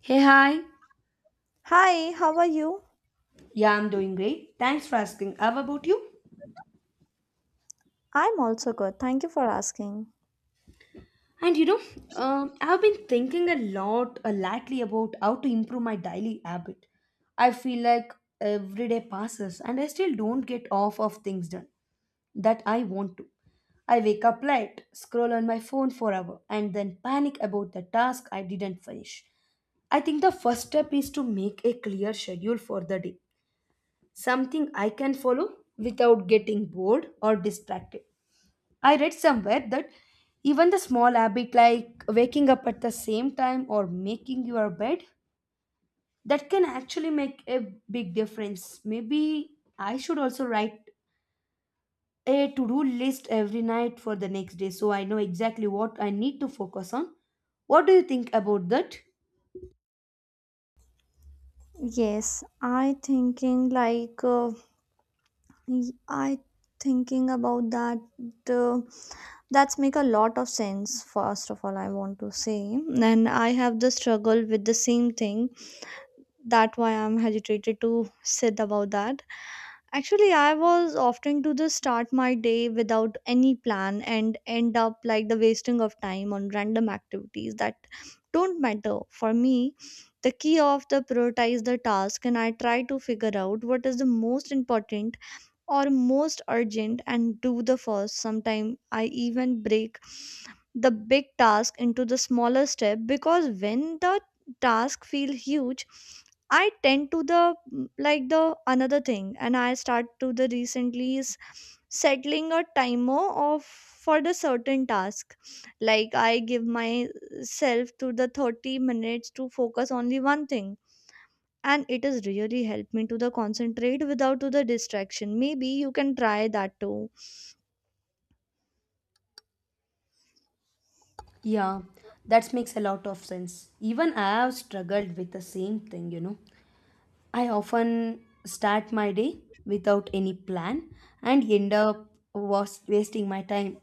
Hey, hi. Hi, how are you? Yeah, I'm doing great. Thanks for asking. How about you? I'm also good. Thank you for asking. And you know, I've been thinking a lot lately about how to improve my daily habit. I feel like every day passes and I still don't get off of things done that I want to. I wake up late, scroll on my phone for hour, and then panic about the task I didn't finish. I think the first step is to make a clear schedule for the day, something I can follow without getting bored or distracted. I read somewhere that even the small habit like waking up at the same time or making your bed that can actually make a big difference. Maybe I should also write a to-do list every night for the next day so I know exactly what I need to focus on. What do you think about that? Yes, I thinking like I thinking about that uh, that's make a lot of sense, first of all, I want to say, and I have the struggle with the same thing, that why I'm hesitated to said about that. Actually, I was often to just start my day without any plan and end up like the wasting of time on random activities that don't matter. For me, the key of the prioritize the task, and I try to figure out what is the most important or most urgent and do the first. Sometimes I even break the big task into the smaller step, because when the task feels huge I tend to the like the another thing and I start to the recently is settling a timer of for the certain task, like I give myself to the 30 minutes to focus only one thing, and it has really helped me to the concentrate without to the distraction. Maybe you can try that too. Yeah, that makes a lot of sense. Even I have struggled with the same thing. I often start my day without any plan and end up was wasting my time.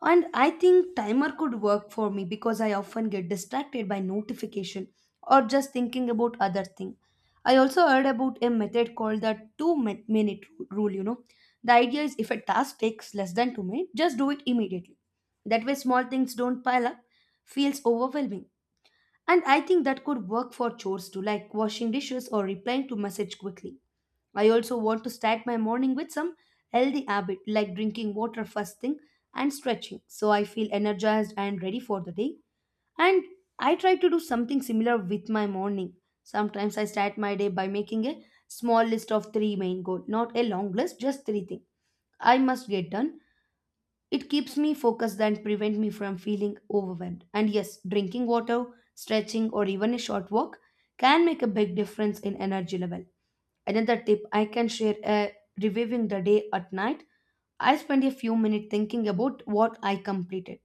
And I think timer could work for me because I often get distracted by notification or just thinking about other thing. I also heard about a method called the 2 minute rule. The idea is if a task takes less than 2 minutes, just do it immediately. That way small things don't pile up, feels overwhelming. And I think that could work for chores too, like washing dishes or replying to message quickly. I also want to start my morning with some healthy habit like drinking water first thing and stretching so I feel energized and ready for the day. And I try to do something similar with my morning. Sometimes I start my day by making a small list of three main goal, not a long list, just three things I must get done it keeps me focused and prevent me from feeling overwhelmed. And yes, drinking water, stretching or even a short walk can make a big difference in energy level. Another tip I can share: reviewing the day at night. I spend a few minutes thinking about what I completed,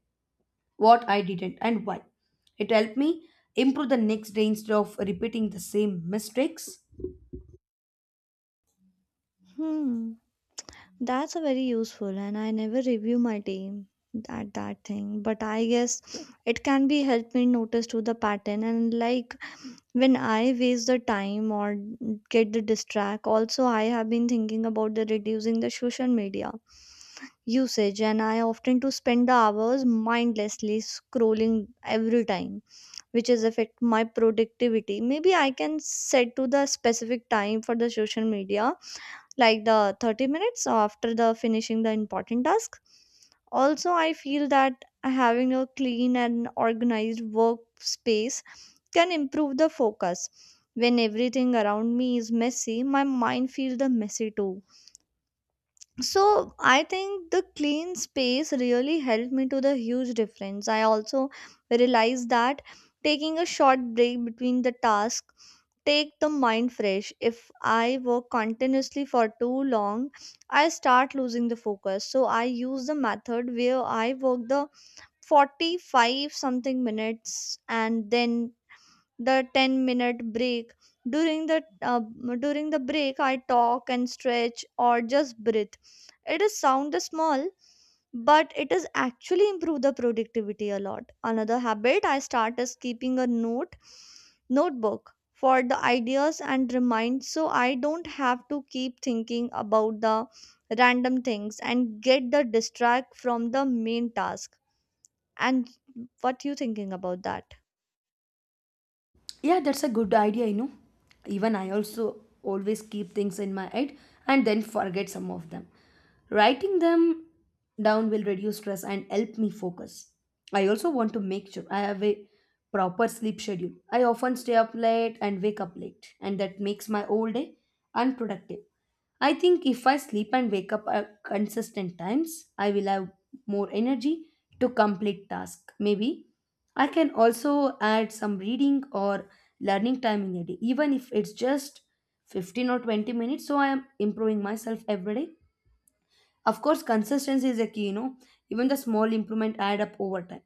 what I didn't and why. It helped me improve the next day instead of repeating the same mistakes. Hmm. That's a very useful, and I never review my team at that thing. But I guess it can be help me notice to the pattern and like when I waste the time or get the distract. Also, I have been thinking about the reducing the social media usage, and I often to spend the hours mindlessly scrolling every time, which is affect my productivity. Maybe I can set to the specific time for the social media, like the 30 minutes after the finishing the important task. Also I feel that having a clean and organized workspace can improve the focus. When everything around me is messy, my mind feels the messy too. So I think the clean space really helped me to the huge difference. I also realized that taking a short break between the task take the mind fresh. If I work continuously for too long, I start losing the focus, so I use the method where I work the 45 something minutes and then the 10-minute break. During the during the break I talk and stretch or just breathe. It is sound small, but it is actually improve the productivity a lot. Another habit I start is keeping a notebook for the ideas and remind, so I don't have to keep thinking about the random things and get the distract from the main task. And what you thinking about that? Yeah, that's a good idea. Even I also always keep things in my head and then forget some of them. Writing them down will reduce stress and help me focus. I also want to make sure I have a proper sleep schedule. I often stay up late and wake up late, and that makes my whole day unproductive. I think if I sleep and wake up at consistent times, I will have more energy to complete tasks. Maybe I can also add some reading or learning time in a day, even if it's just 15 or 20 minutes. So I am improving myself every day. Of course, consistency is a key, even the small improvement add up over time.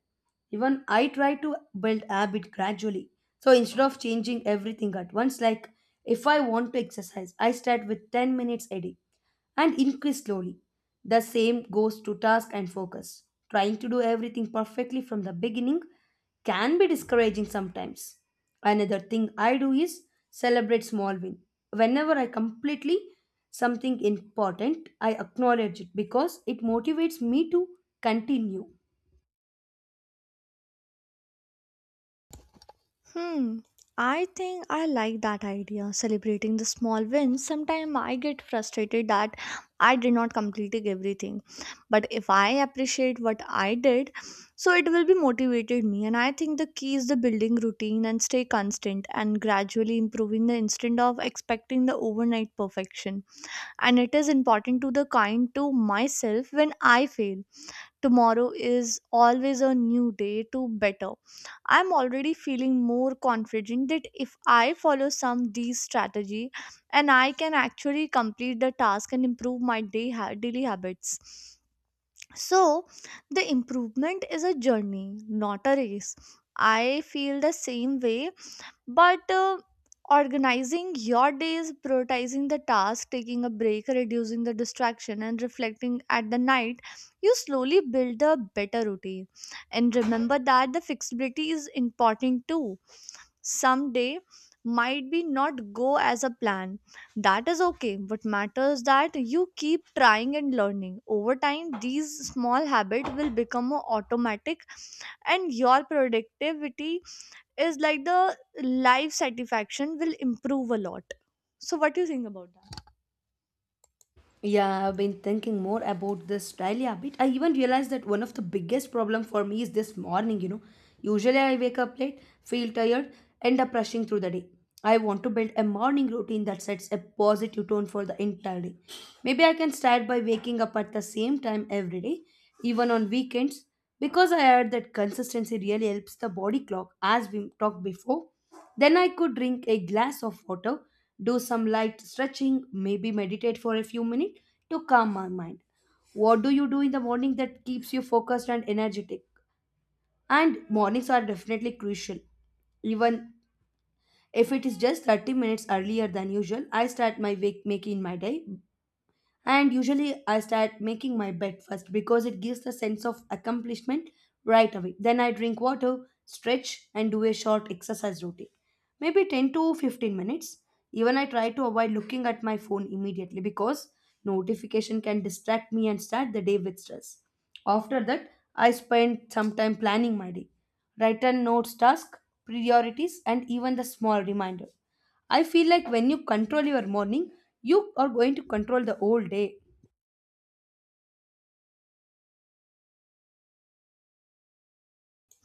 Even I try to build habit gradually. So instead of changing everything at once, like if I want to exercise, I start with 10 minutes a day and increase slowly. The same goes to task and focus. Trying to do everything perfectly from the beginning can be discouraging sometimes. Another thing I do is celebrate small win. Whenever I completely something important, I acknowledge it because it motivates me to continue. Hmm. I think I like that idea, celebrating the small wins. Sometimes I get frustrated that I did not complete everything. But if I appreciate what I did, so it will be motivated me. And I think the key is the building routine and stay constant and gradually improving the instant of expecting the overnight perfection. And it is important to the kind to myself when I fail. Tomorrow is always a new day to better. I'm already feeling more confident that if I follow some D strategy, and I can actually complete the task and improve my daily habits. So the improvement is a journey, not a race. I feel the same way, but organizing your days, prioritizing the task, taking a break, reducing the distraction, and reflecting at the night, you slowly build a better routine. And remember that the flexibility is important too. Someday might be not go as a plan. That is okay. What matters that you keep trying and learning. Over time, these small habits will become a automatic and your productivity is like the life satisfaction will improve a lot. So what do you think about that? Yeah, I've been thinking more about this daily habit. I even realized that one of the biggest problem for me is this morning. Usually I wake up late, feel tired, end up rushing through the day. I want to build a morning routine that sets a positive tone for the entire day. Maybe I can start by waking up at the same time every day, even on weekends, because I heard that consistency really helps the body clock as we talked before. Then I could drink a glass of water, do some light stretching, maybe meditate for a few minutes to calm my mind. What do you do in the morning that keeps you focused and energetic? And mornings are definitely crucial. Even if it is just 30 minutes earlier than usual, I start my wake making my day and usually I start making my bed first because it gives the sense of accomplishment right away. Then I drink water, stretch, and do a short exercise routine. Maybe 10 to 15 minutes. Even I try to avoid looking at my phone immediately because notification can distract me and start the day with stress. After that, I spend some time planning my day. Write down notes, task, priorities, and even the small reminder. I feel like when you control your morning, you are going to control the whole day.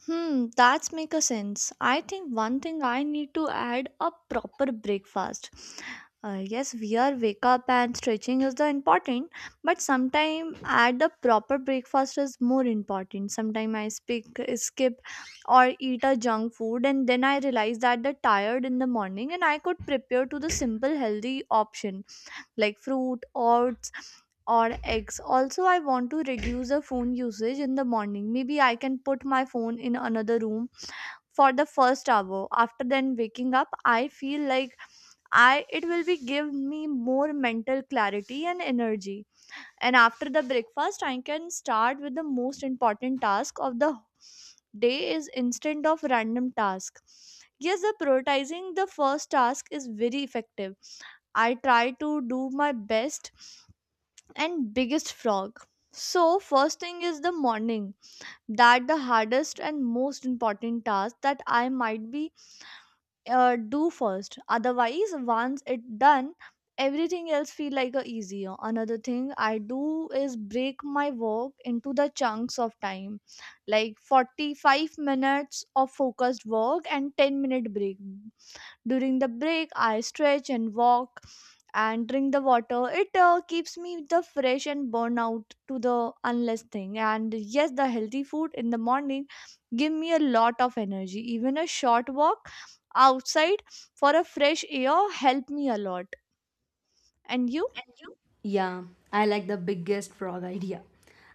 Hmm, that's make a sense. I think one thing I need to add a proper breakfast. Yes, we are wake up and stretching is the important, but sometime add a proper breakfast is more important. Sometime I speak skip or eat a junk food, and then I realize that the tired in the morning, and I could prepare to the simple healthy option like fruit, oats, or eggs. Also, I want to reduce the phone usage in the morning. Maybe I can put my phone in another room for the first hour. After then waking up, I feel like I it will be give me more mental clarity and energy. And after the breakfast, I can start with the most important task of the day is instead of random task. Yes, the prioritizing the first task is very effective. I try to do my best and biggest frog. So, first thing is the morning. That the hardest and most important task that I might be do first. Otherwise, once it done, everything else feel like a easier. Another thing I do is break my work into the chunks of time, like 45 minutes of focused work and 10-minute break. During the break, I stretch and walk and drink the water. It keeps me the fresh and burn out to the unless thing. And yes, the healthy food in the morning give me a lot of energy. Even a short walk outside for a fresh air help me a lot. And you? Yeah, I like the biggest frog idea.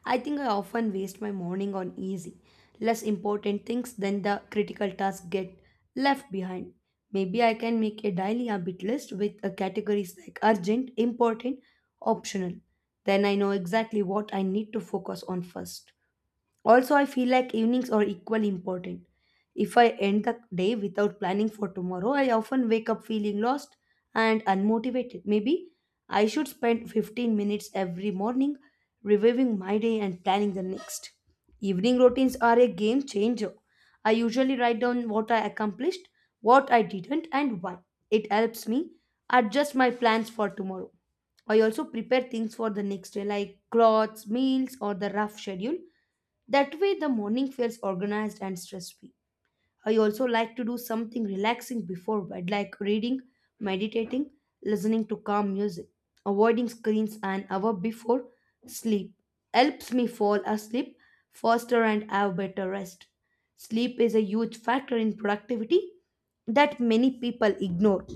I think I often waste my morning on easy, less important things than the critical tasks get left behind. Maybe I can make a daily habit list with categories like urgent, important, optional. Then I know exactly what I need to focus on first. Also, I feel like evenings are equally important. If I end the day without planning for tomorrow, I often wake up feeling lost and unmotivated. Maybe I should spend 15 minutes every morning reviewing my day and planning the next. Evening routines are a game changer. I usually write down what I accomplished, what I didn't, and why. It helps me adjust my plans for tomorrow. I also prepare things for the next day, like clothes, meals, or the rough schedule that way, the morning feels organized and stress free. I also like to do something relaxing before bed, like reading, meditating, listening to calm music. Avoiding screens an hour before sleep helps me fall asleep faster and have better rest. Sleep is a huge factor in productivity that many people ignore.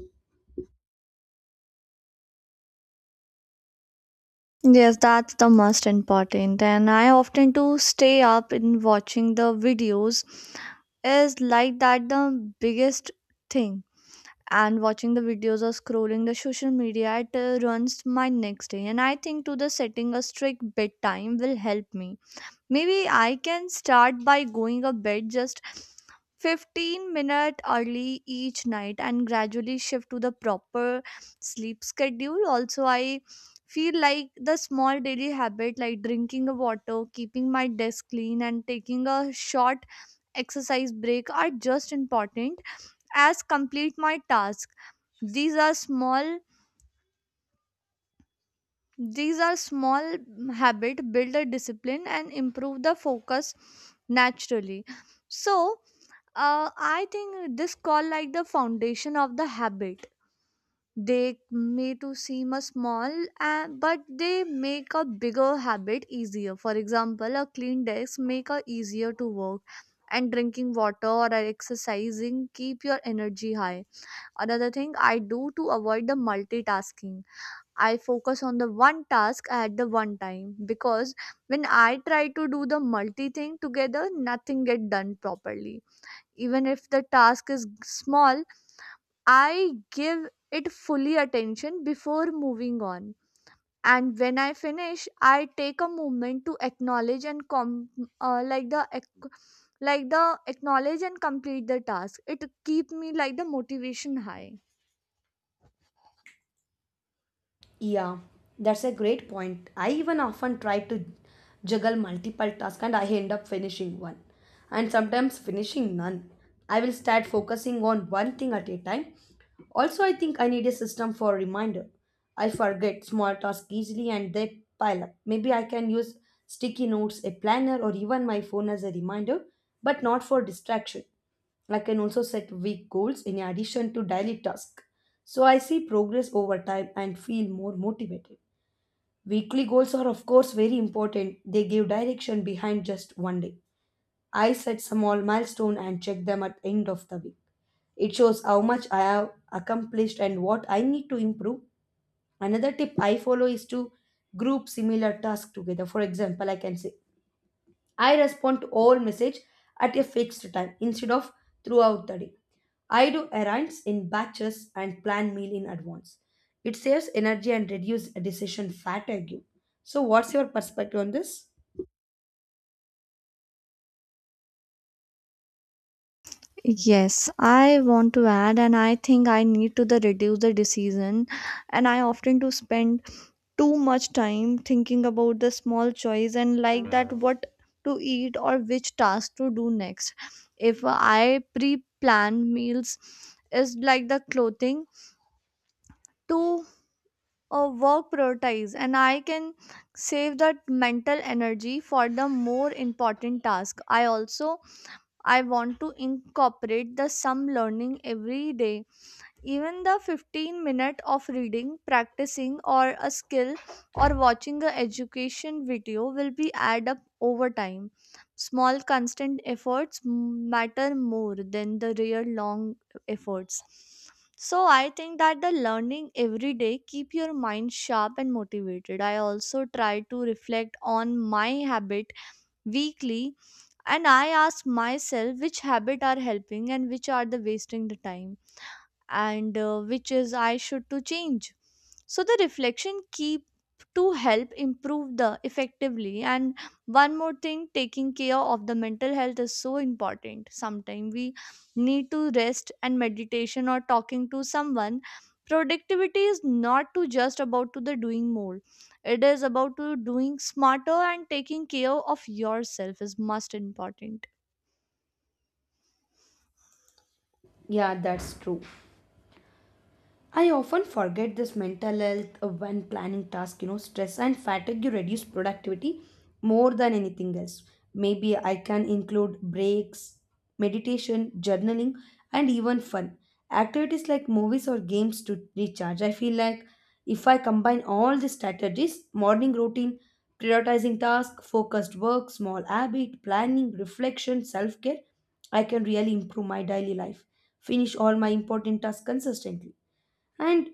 Yes, that's the most important. And I often to stay up in watching the videos is like that the biggest thing, and watching the videos or scrolling the social media it runs my next day. And I think to the setting a strict bedtime will help me. Maybe I can start by going a bed just 15-minute early each night and gradually shift to the proper sleep schedule. Also I feel like the small daily habit like drinking a water, keeping my desk clean, and taking a short exercise break are just important as complete my task. these are small these are small habit build a discipline and improve the focus naturally. So uh, I think this call like the foundation of the habit. They may to seem a small, but they make a bigger habit easier. For example, a clean desk make a easier to work, and drinking water or exercising keep your energy high. Another thing I do to avoid the multitasking, I focus on the one task at the one time, because when I try to do the multi thing together, nothing get done properly. Even if the task is small, I give it fully attention before moving on. And when I finish, I take a moment to acknowledge and uh, like the ac- like the acknowledge and complete the task. It keep me like the motivation high. Yeah, that's a great point. I even often try to juggle multiple tasks and I end up finishing one and sometimes finishing none. I will start focusing on one thing at a time also, I think I need a system for reminder. I forget small tasks easily and they pile up. Maybe I can use sticky notes, a planner, or even my phone as a reminder, but not for distraction. I can also set week goals in addition to daily tasks. So I see progress over time and feel more motivated. Weekly goals are, of course, very important. They give direction behind just one day. I set small milestone and check them at end of the week. It shows how much I have accomplished and what I need to improve. Another tip I follow is to group similar tasks together. For example, I can say I respond to all message at a fixed time instead of throughout the day. I do errands in batches and plan meal in advance. It saves energy and reduces decision fatigue. So what's your perspective on this? Yes, I want to add, and I think I need to the reduce the decision, and I often to spend too much time thinking about the small choice and like that what to eat or which task to do next. If I pre-plan meals is like the clothing to work prioritize, and I can save that mental energy for the more important task. I want to incorporate the some learning every day, even the 15 minutes of reading, practicing or a skill or watching a education video will be add up over time. Small constant efforts matter more than the real long efforts. So I think that the learning every day keep your mind sharp and motivated. I also try to reflect on my habit weekly, and I ask myself which habit are helping and which are the wasting the time, and which is I should to change. So the reflection keep to help improve the effectively, and one more thing, taking care of the mental health is so important. Sometimes we need to rest and meditation or talking to someone. Productivity is not to just about to the doing more. It is about to doing smarter, and taking care of yourself is most important. Yeah, that's true. I often forget this mental health when planning tasks, stress and fatigue reduce productivity more than anything else. Maybe I can include breaks, meditation, journaling, and even fun. Activities like movies or games to recharge. I feel like if I combine all these strategies, morning routine, prioritizing tasks, focused work, small habit, planning, reflection, self care, I can really improve my daily life. Finish all my important tasks consistently. And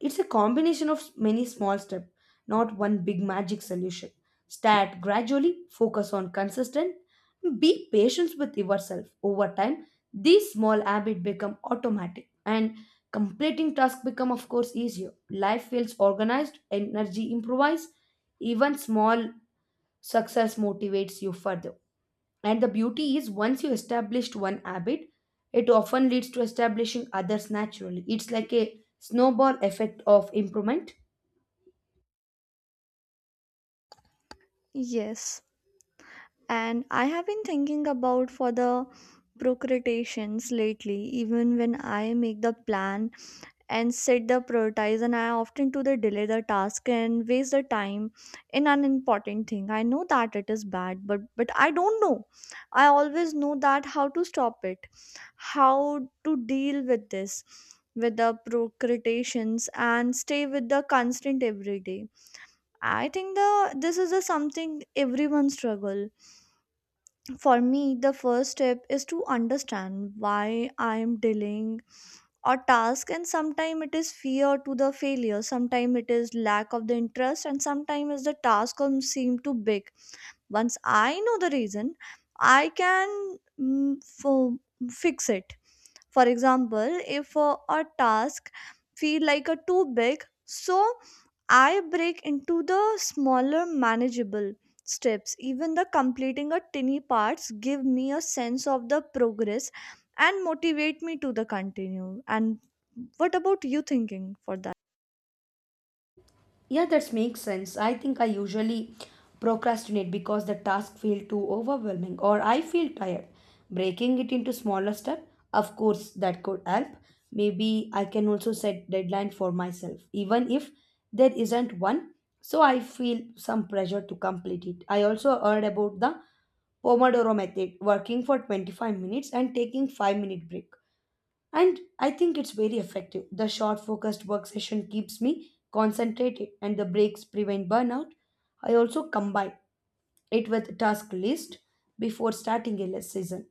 it's a combination of many small steps, not one big magic solution. Start gradually, focus on consistent, be patient with yourself. Over time, these small habits become automatic and completing tasks become of course easier. Life feels organized, energy improves, even small success motivates you further. And the beauty is once you established one habit, it often leads to establishing others naturally. It's like a snowball effect of improvement. Yes, and I have been thinking about for the procrastinations lately, even when I make the plan and set the prioritize, and I often to the delay the task and waste the time in an important thing. I know that it is bad, but I don't know. I always know that how to stop it, how to deal with this, with the procrastinations, and stay with the constant every day. I think the this is a something everyone struggle. For me, the first step is to understand why I am dealing or task, and sometimes it is fear to the failure, sometimes it is lack of the interest, and sometimes the task seem too big. Once I know the reason, I can fix it. For example, if a task feel like a too big, so I break into the smaller manageable steps. Even the completing a tiny parts give me a sense of the progress and motivate me to the continue. And what about you thinking for that? Yeah, that makes sense. I think I usually procrastinate because the task feels too overwhelming or I feel tired. Breaking it into smaller steps, of course, that could help. Maybe I can also set deadline for myself, even if there isn't one. So I feel some pressure to complete it. I also heard about the Pomodoro method, working for 25 minutes and taking 5-minute break. And I think it's very effective. The short focused work session keeps me concentrated and the breaks prevent burnout. I also combine it with task list before starting a less season.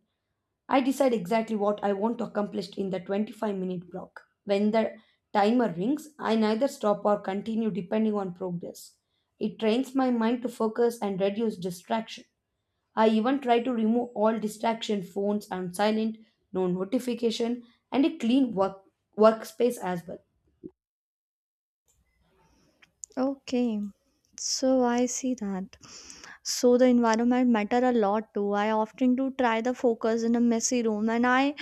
I decide exactly what I want to accomplish in the 25-minute block. When the timer rings, I neither stop or continue depending on progress. It trains my mind to focus and reduce distraction. I even try to remove all distraction phones on silent, no notification, and a clean workspace as well. Okay, so I see that, so the environment matter a lot too. I often do try the focus in a messy room, and I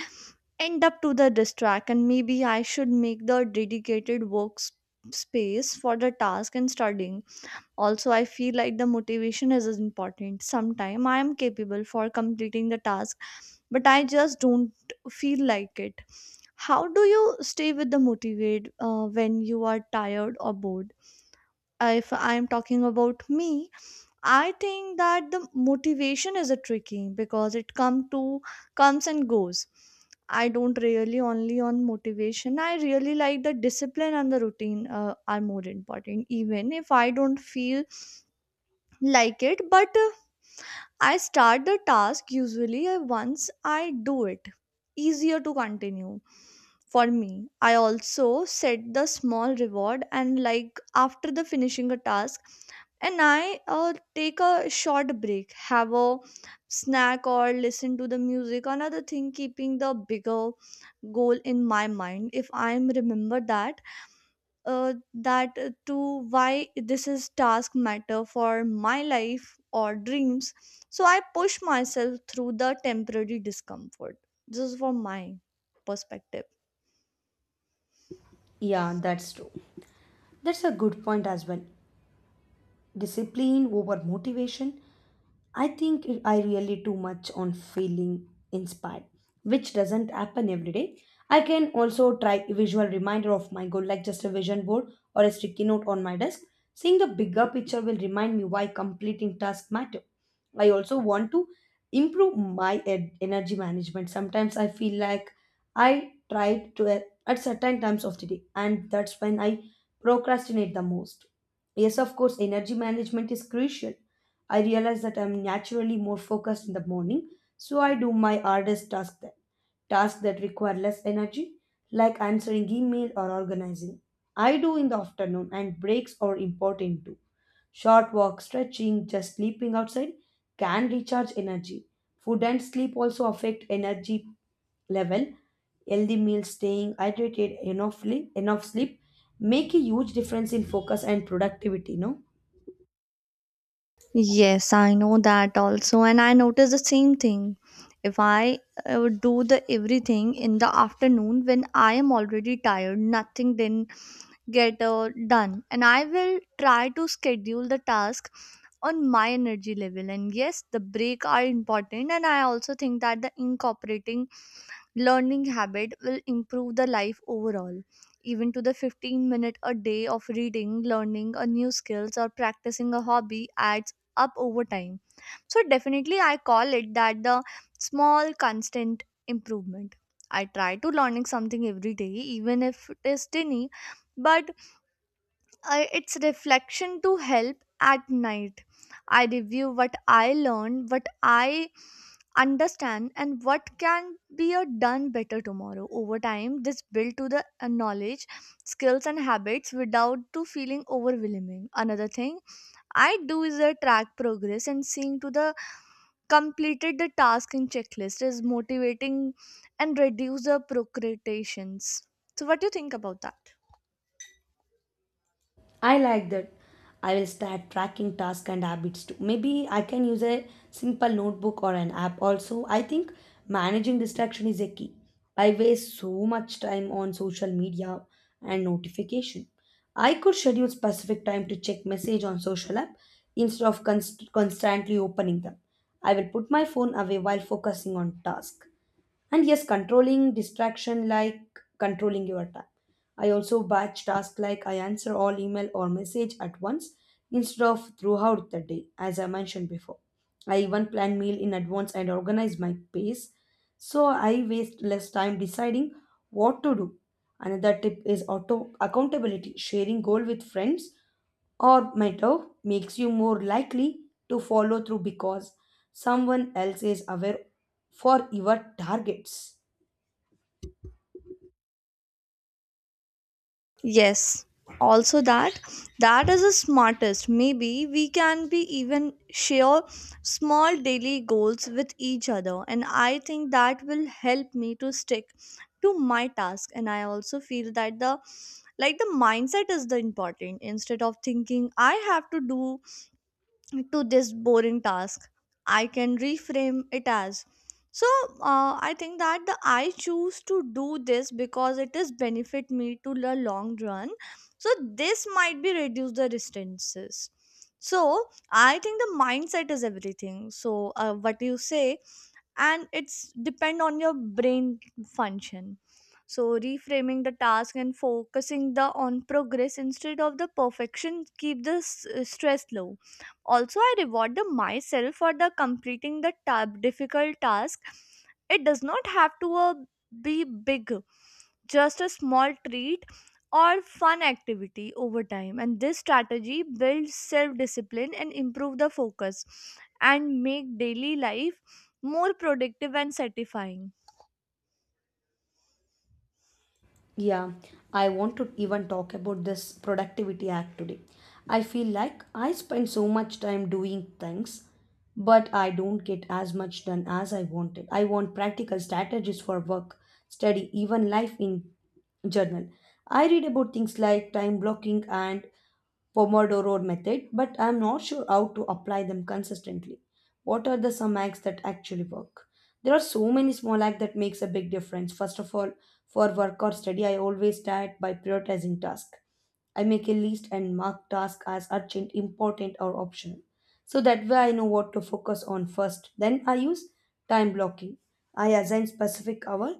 end up to the distract, and maybe I should make the dedicated work space for the task and studying. Also, I feel like the motivation is as important. Sometime I am capable for completing the task, but I just don't feel like it. How do you stay with the motivate when you are tired or bored? If I am talking about me, I think that the motivation is a tricky because it comes and goes. I don't really only on motivation. I really like the discipline and the routine are more important, even if I don't feel like it. But I start the task usually once I do it. Easier to continue for me. I also set the small reward, and like after the finishing a task, and I take a short break, have a snack, or listen to the music. Another thing, keeping the bigger goal in my mind. If I'm remember that that to why this is task matter for my life or dreams, so I push myself through the temporary discomfort. This is from my perspective. Yeah, that's true. That's a good point as well. Discipline over motivation. I really too much on feeling inspired, which doesn't happen every day. I can also try a visual reminder of my goal, like just a vision board or a sticky note on my desk. Seeing the bigger picture will remind me why completing tasks matter. I also want to improve my energy management. Sometimes I feel like I try to at certain times of the day, and that's when I procrastinate the most. Yes, of course, energy management is crucial. I realize that I'm naturally more focused in the morning, so I do my hardest tasks then. Tasks that require less energy, like answering email or organizing, I do in the afternoon. And breaks are important too. Short walk, stretching, just sleeping outside can recharge energy. Food and sleep also affect energy level. Healthy meals, staying hydrated, enough sleep make a huge difference in focus and productivity. No. Yes, I know that also, and I notice the same thing. If I do the everything in the afternoon when I am already tired, nothing then get done, and I will try to schedule the task on my energy level. And yes, the break are important, and I also think that the incorporating learning habit will improve the life overall. Even to the 15 minute a day of reading, learning a new skills, or practicing a hobby adds up over time. So definitely I call it that the small constant improvement. I try to learning something every day, even if it is tiny. But it's reflection to help at night. I review what I learned, what I understand, and what can be a done better tomorrow. Over time this build to the knowledge, skills, and habits without to feeling overwhelming. Another thing I do is a track progress, and seeing to the completed the task in checklist is motivating and reduce the procrastinations. So what do you think about that? I like that. I will start tracking tasks and habits too. Maybe I can use a simple notebook or an app. Also, I think managing distraction is a key. I waste so much time on social media and notification. I could schedule specific time to check message on social app instead of constantly opening them. I will put my phone away while focusing on task. And yes, controlling distraction like controlling your time. I also batch tasks, like I answer all email or message at once instead of throughout the day, as I mentioned before. I even plan meal in advance and organize my pace so I waste less time deciding what to do. Another tip is auto accountability. Sharing goal with friends or mentor makes you more likely to follow through because someone else is aware for your targets. Yes, also that is the smartest. Maybe we can be even share small daily goals with each other, and I think that will help me to stick to my task. And I also feel that the, like, the mindset is the important. Instead of thinking I have to do to this boring task, I can reframe it as, so I think that the I choose to do this because it is benefit me to the long run. So this might be reduce the distances. So I think the mindset is everything. So what you say, and it's depend on your brain function. So reframing the task and focusing the on progress instead of the perfection keep the stress low. Also I reward the myself for the completing the tab difficult task. It does not have to be big, just a small treat or fun activity over time. And this strategy builds self discipline and improve the focus and make daily life more productive and satisfying. Yeah, I want to even talk about this productivity act today. I feel like I spend so much time doing things, but I don't get as much done as I wanted. I want practical strategies for work, study, even life in journal. I read about things like time blocking and Pomodoro method, but I'm not sure how to apply them consistently. What are the some hacks that actually work? There are so many small hacks that makes a big difference. First of all, for work or study, I always start by prioritizing tasks. I make a list and mark tasks as urgent, important, or optional. So that way I know what to focus on first. Then I use time blocking. I assign specific hour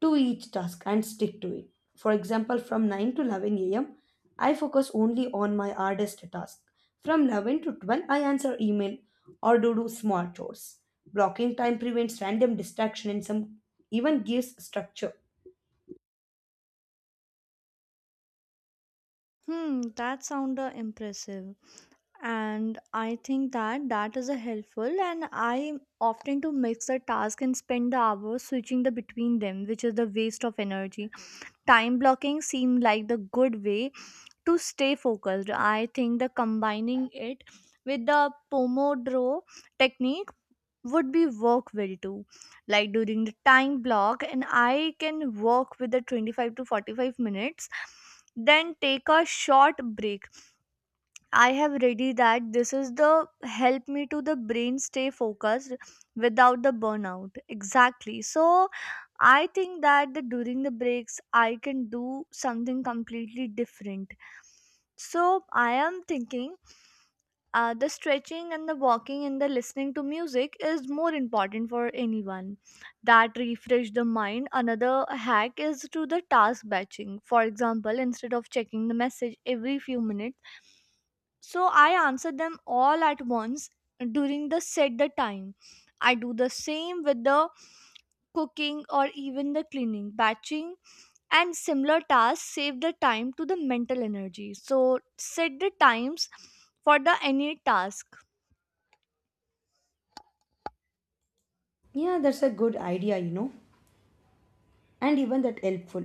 to each task and stick to it. For example, from 9 to 11 a.m., I focus only on my hardest task. From 11 to 12, I answer email or do small chores. Blocking time prevents random distraction and some even gives structure. That sound impressive, and I think that is a helpful. And I often to mix the task and spend the hours switching the between them, which is the waste of energy. Time blocking seemed like the good way to stay focused. I think the combining it with the Pomodoro technique would be work well too. Like during the time block, and I can work with the 25 to 45 minutes, then take a short break. I have ready that this is the help me to the brain stay focused without the burnout. Exactly. So I think that the, during the breaks I can do something completely different. So I am thinking the stretching and the walking and the listening to music is more important for anyone that refresh the mind. Another hack is to the task batching. For example, instead of checking the message every few minutes, so I answer them all at once during the set the time. I do the same with the cooking or even the cleaning, batching and similar tasks save the time to the mental energy. So set the times for the any task. Yeah, that's a good idea, you know, and even that helpful.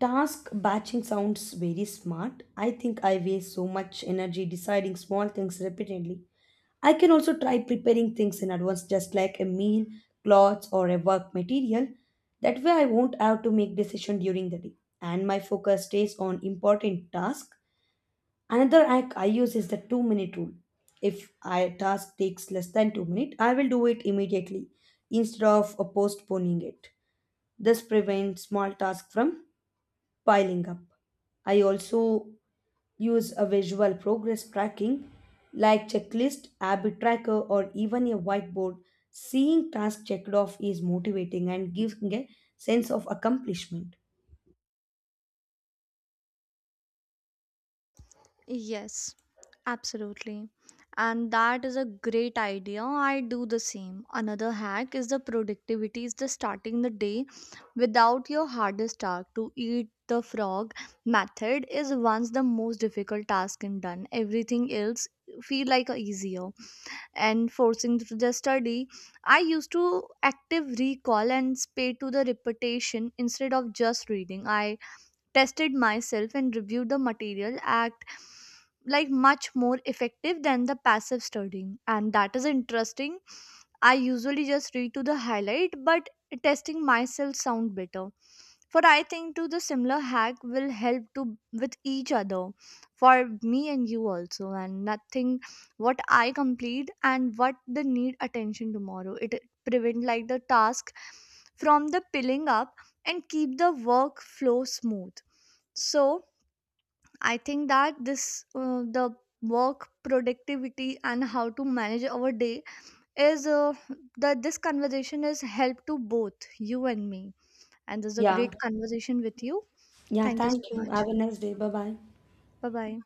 Task batching sounds very smart. I think I waste so much energy deciding small things repeatedly. I can also try preparing things in advance, just like a meal, clothes, or a work material. That way, I won't have to make decision during the day, and my focus stays on important tasks. Another hack I use is the 2 minute rule. If a task takes less than 2 minutes, I will do it immediately instead of postponing it. This prevents small tasks from piling up. I also use a visual progress tracking like checklist, habit tracker, or even a whiteboard. Seeing tasks checked off is motivating and gives me a sense of accomplishment. Yes, absolutely. And that is a great idea. I do the same. Another hack is the productivity is the starting the day without your hardest task. To eat the frog method is once the most difficult task and done. Everything else feel like a easier and forcing to the study. I used to active recall and pay to the repetition instead of just reading. I tested myself and reviewed the material act like much more effective than the passive studying. And that is interesting. I usually just read to the highlight, but testing myself sound better for. I think too the similar hack will help to with each other for me and you also. And nothing what I complete and what the need attention tomorrow, it prevent like the task from the piling up and keep the workflow smooth. So I think that this the work productivity and how to manage our day is that this conversation is help to both you and me, and this is a Yeah. great conversation with you. Yeah. Thank you Thank so you. much. Have a nice day. Bye bye. Bye bye.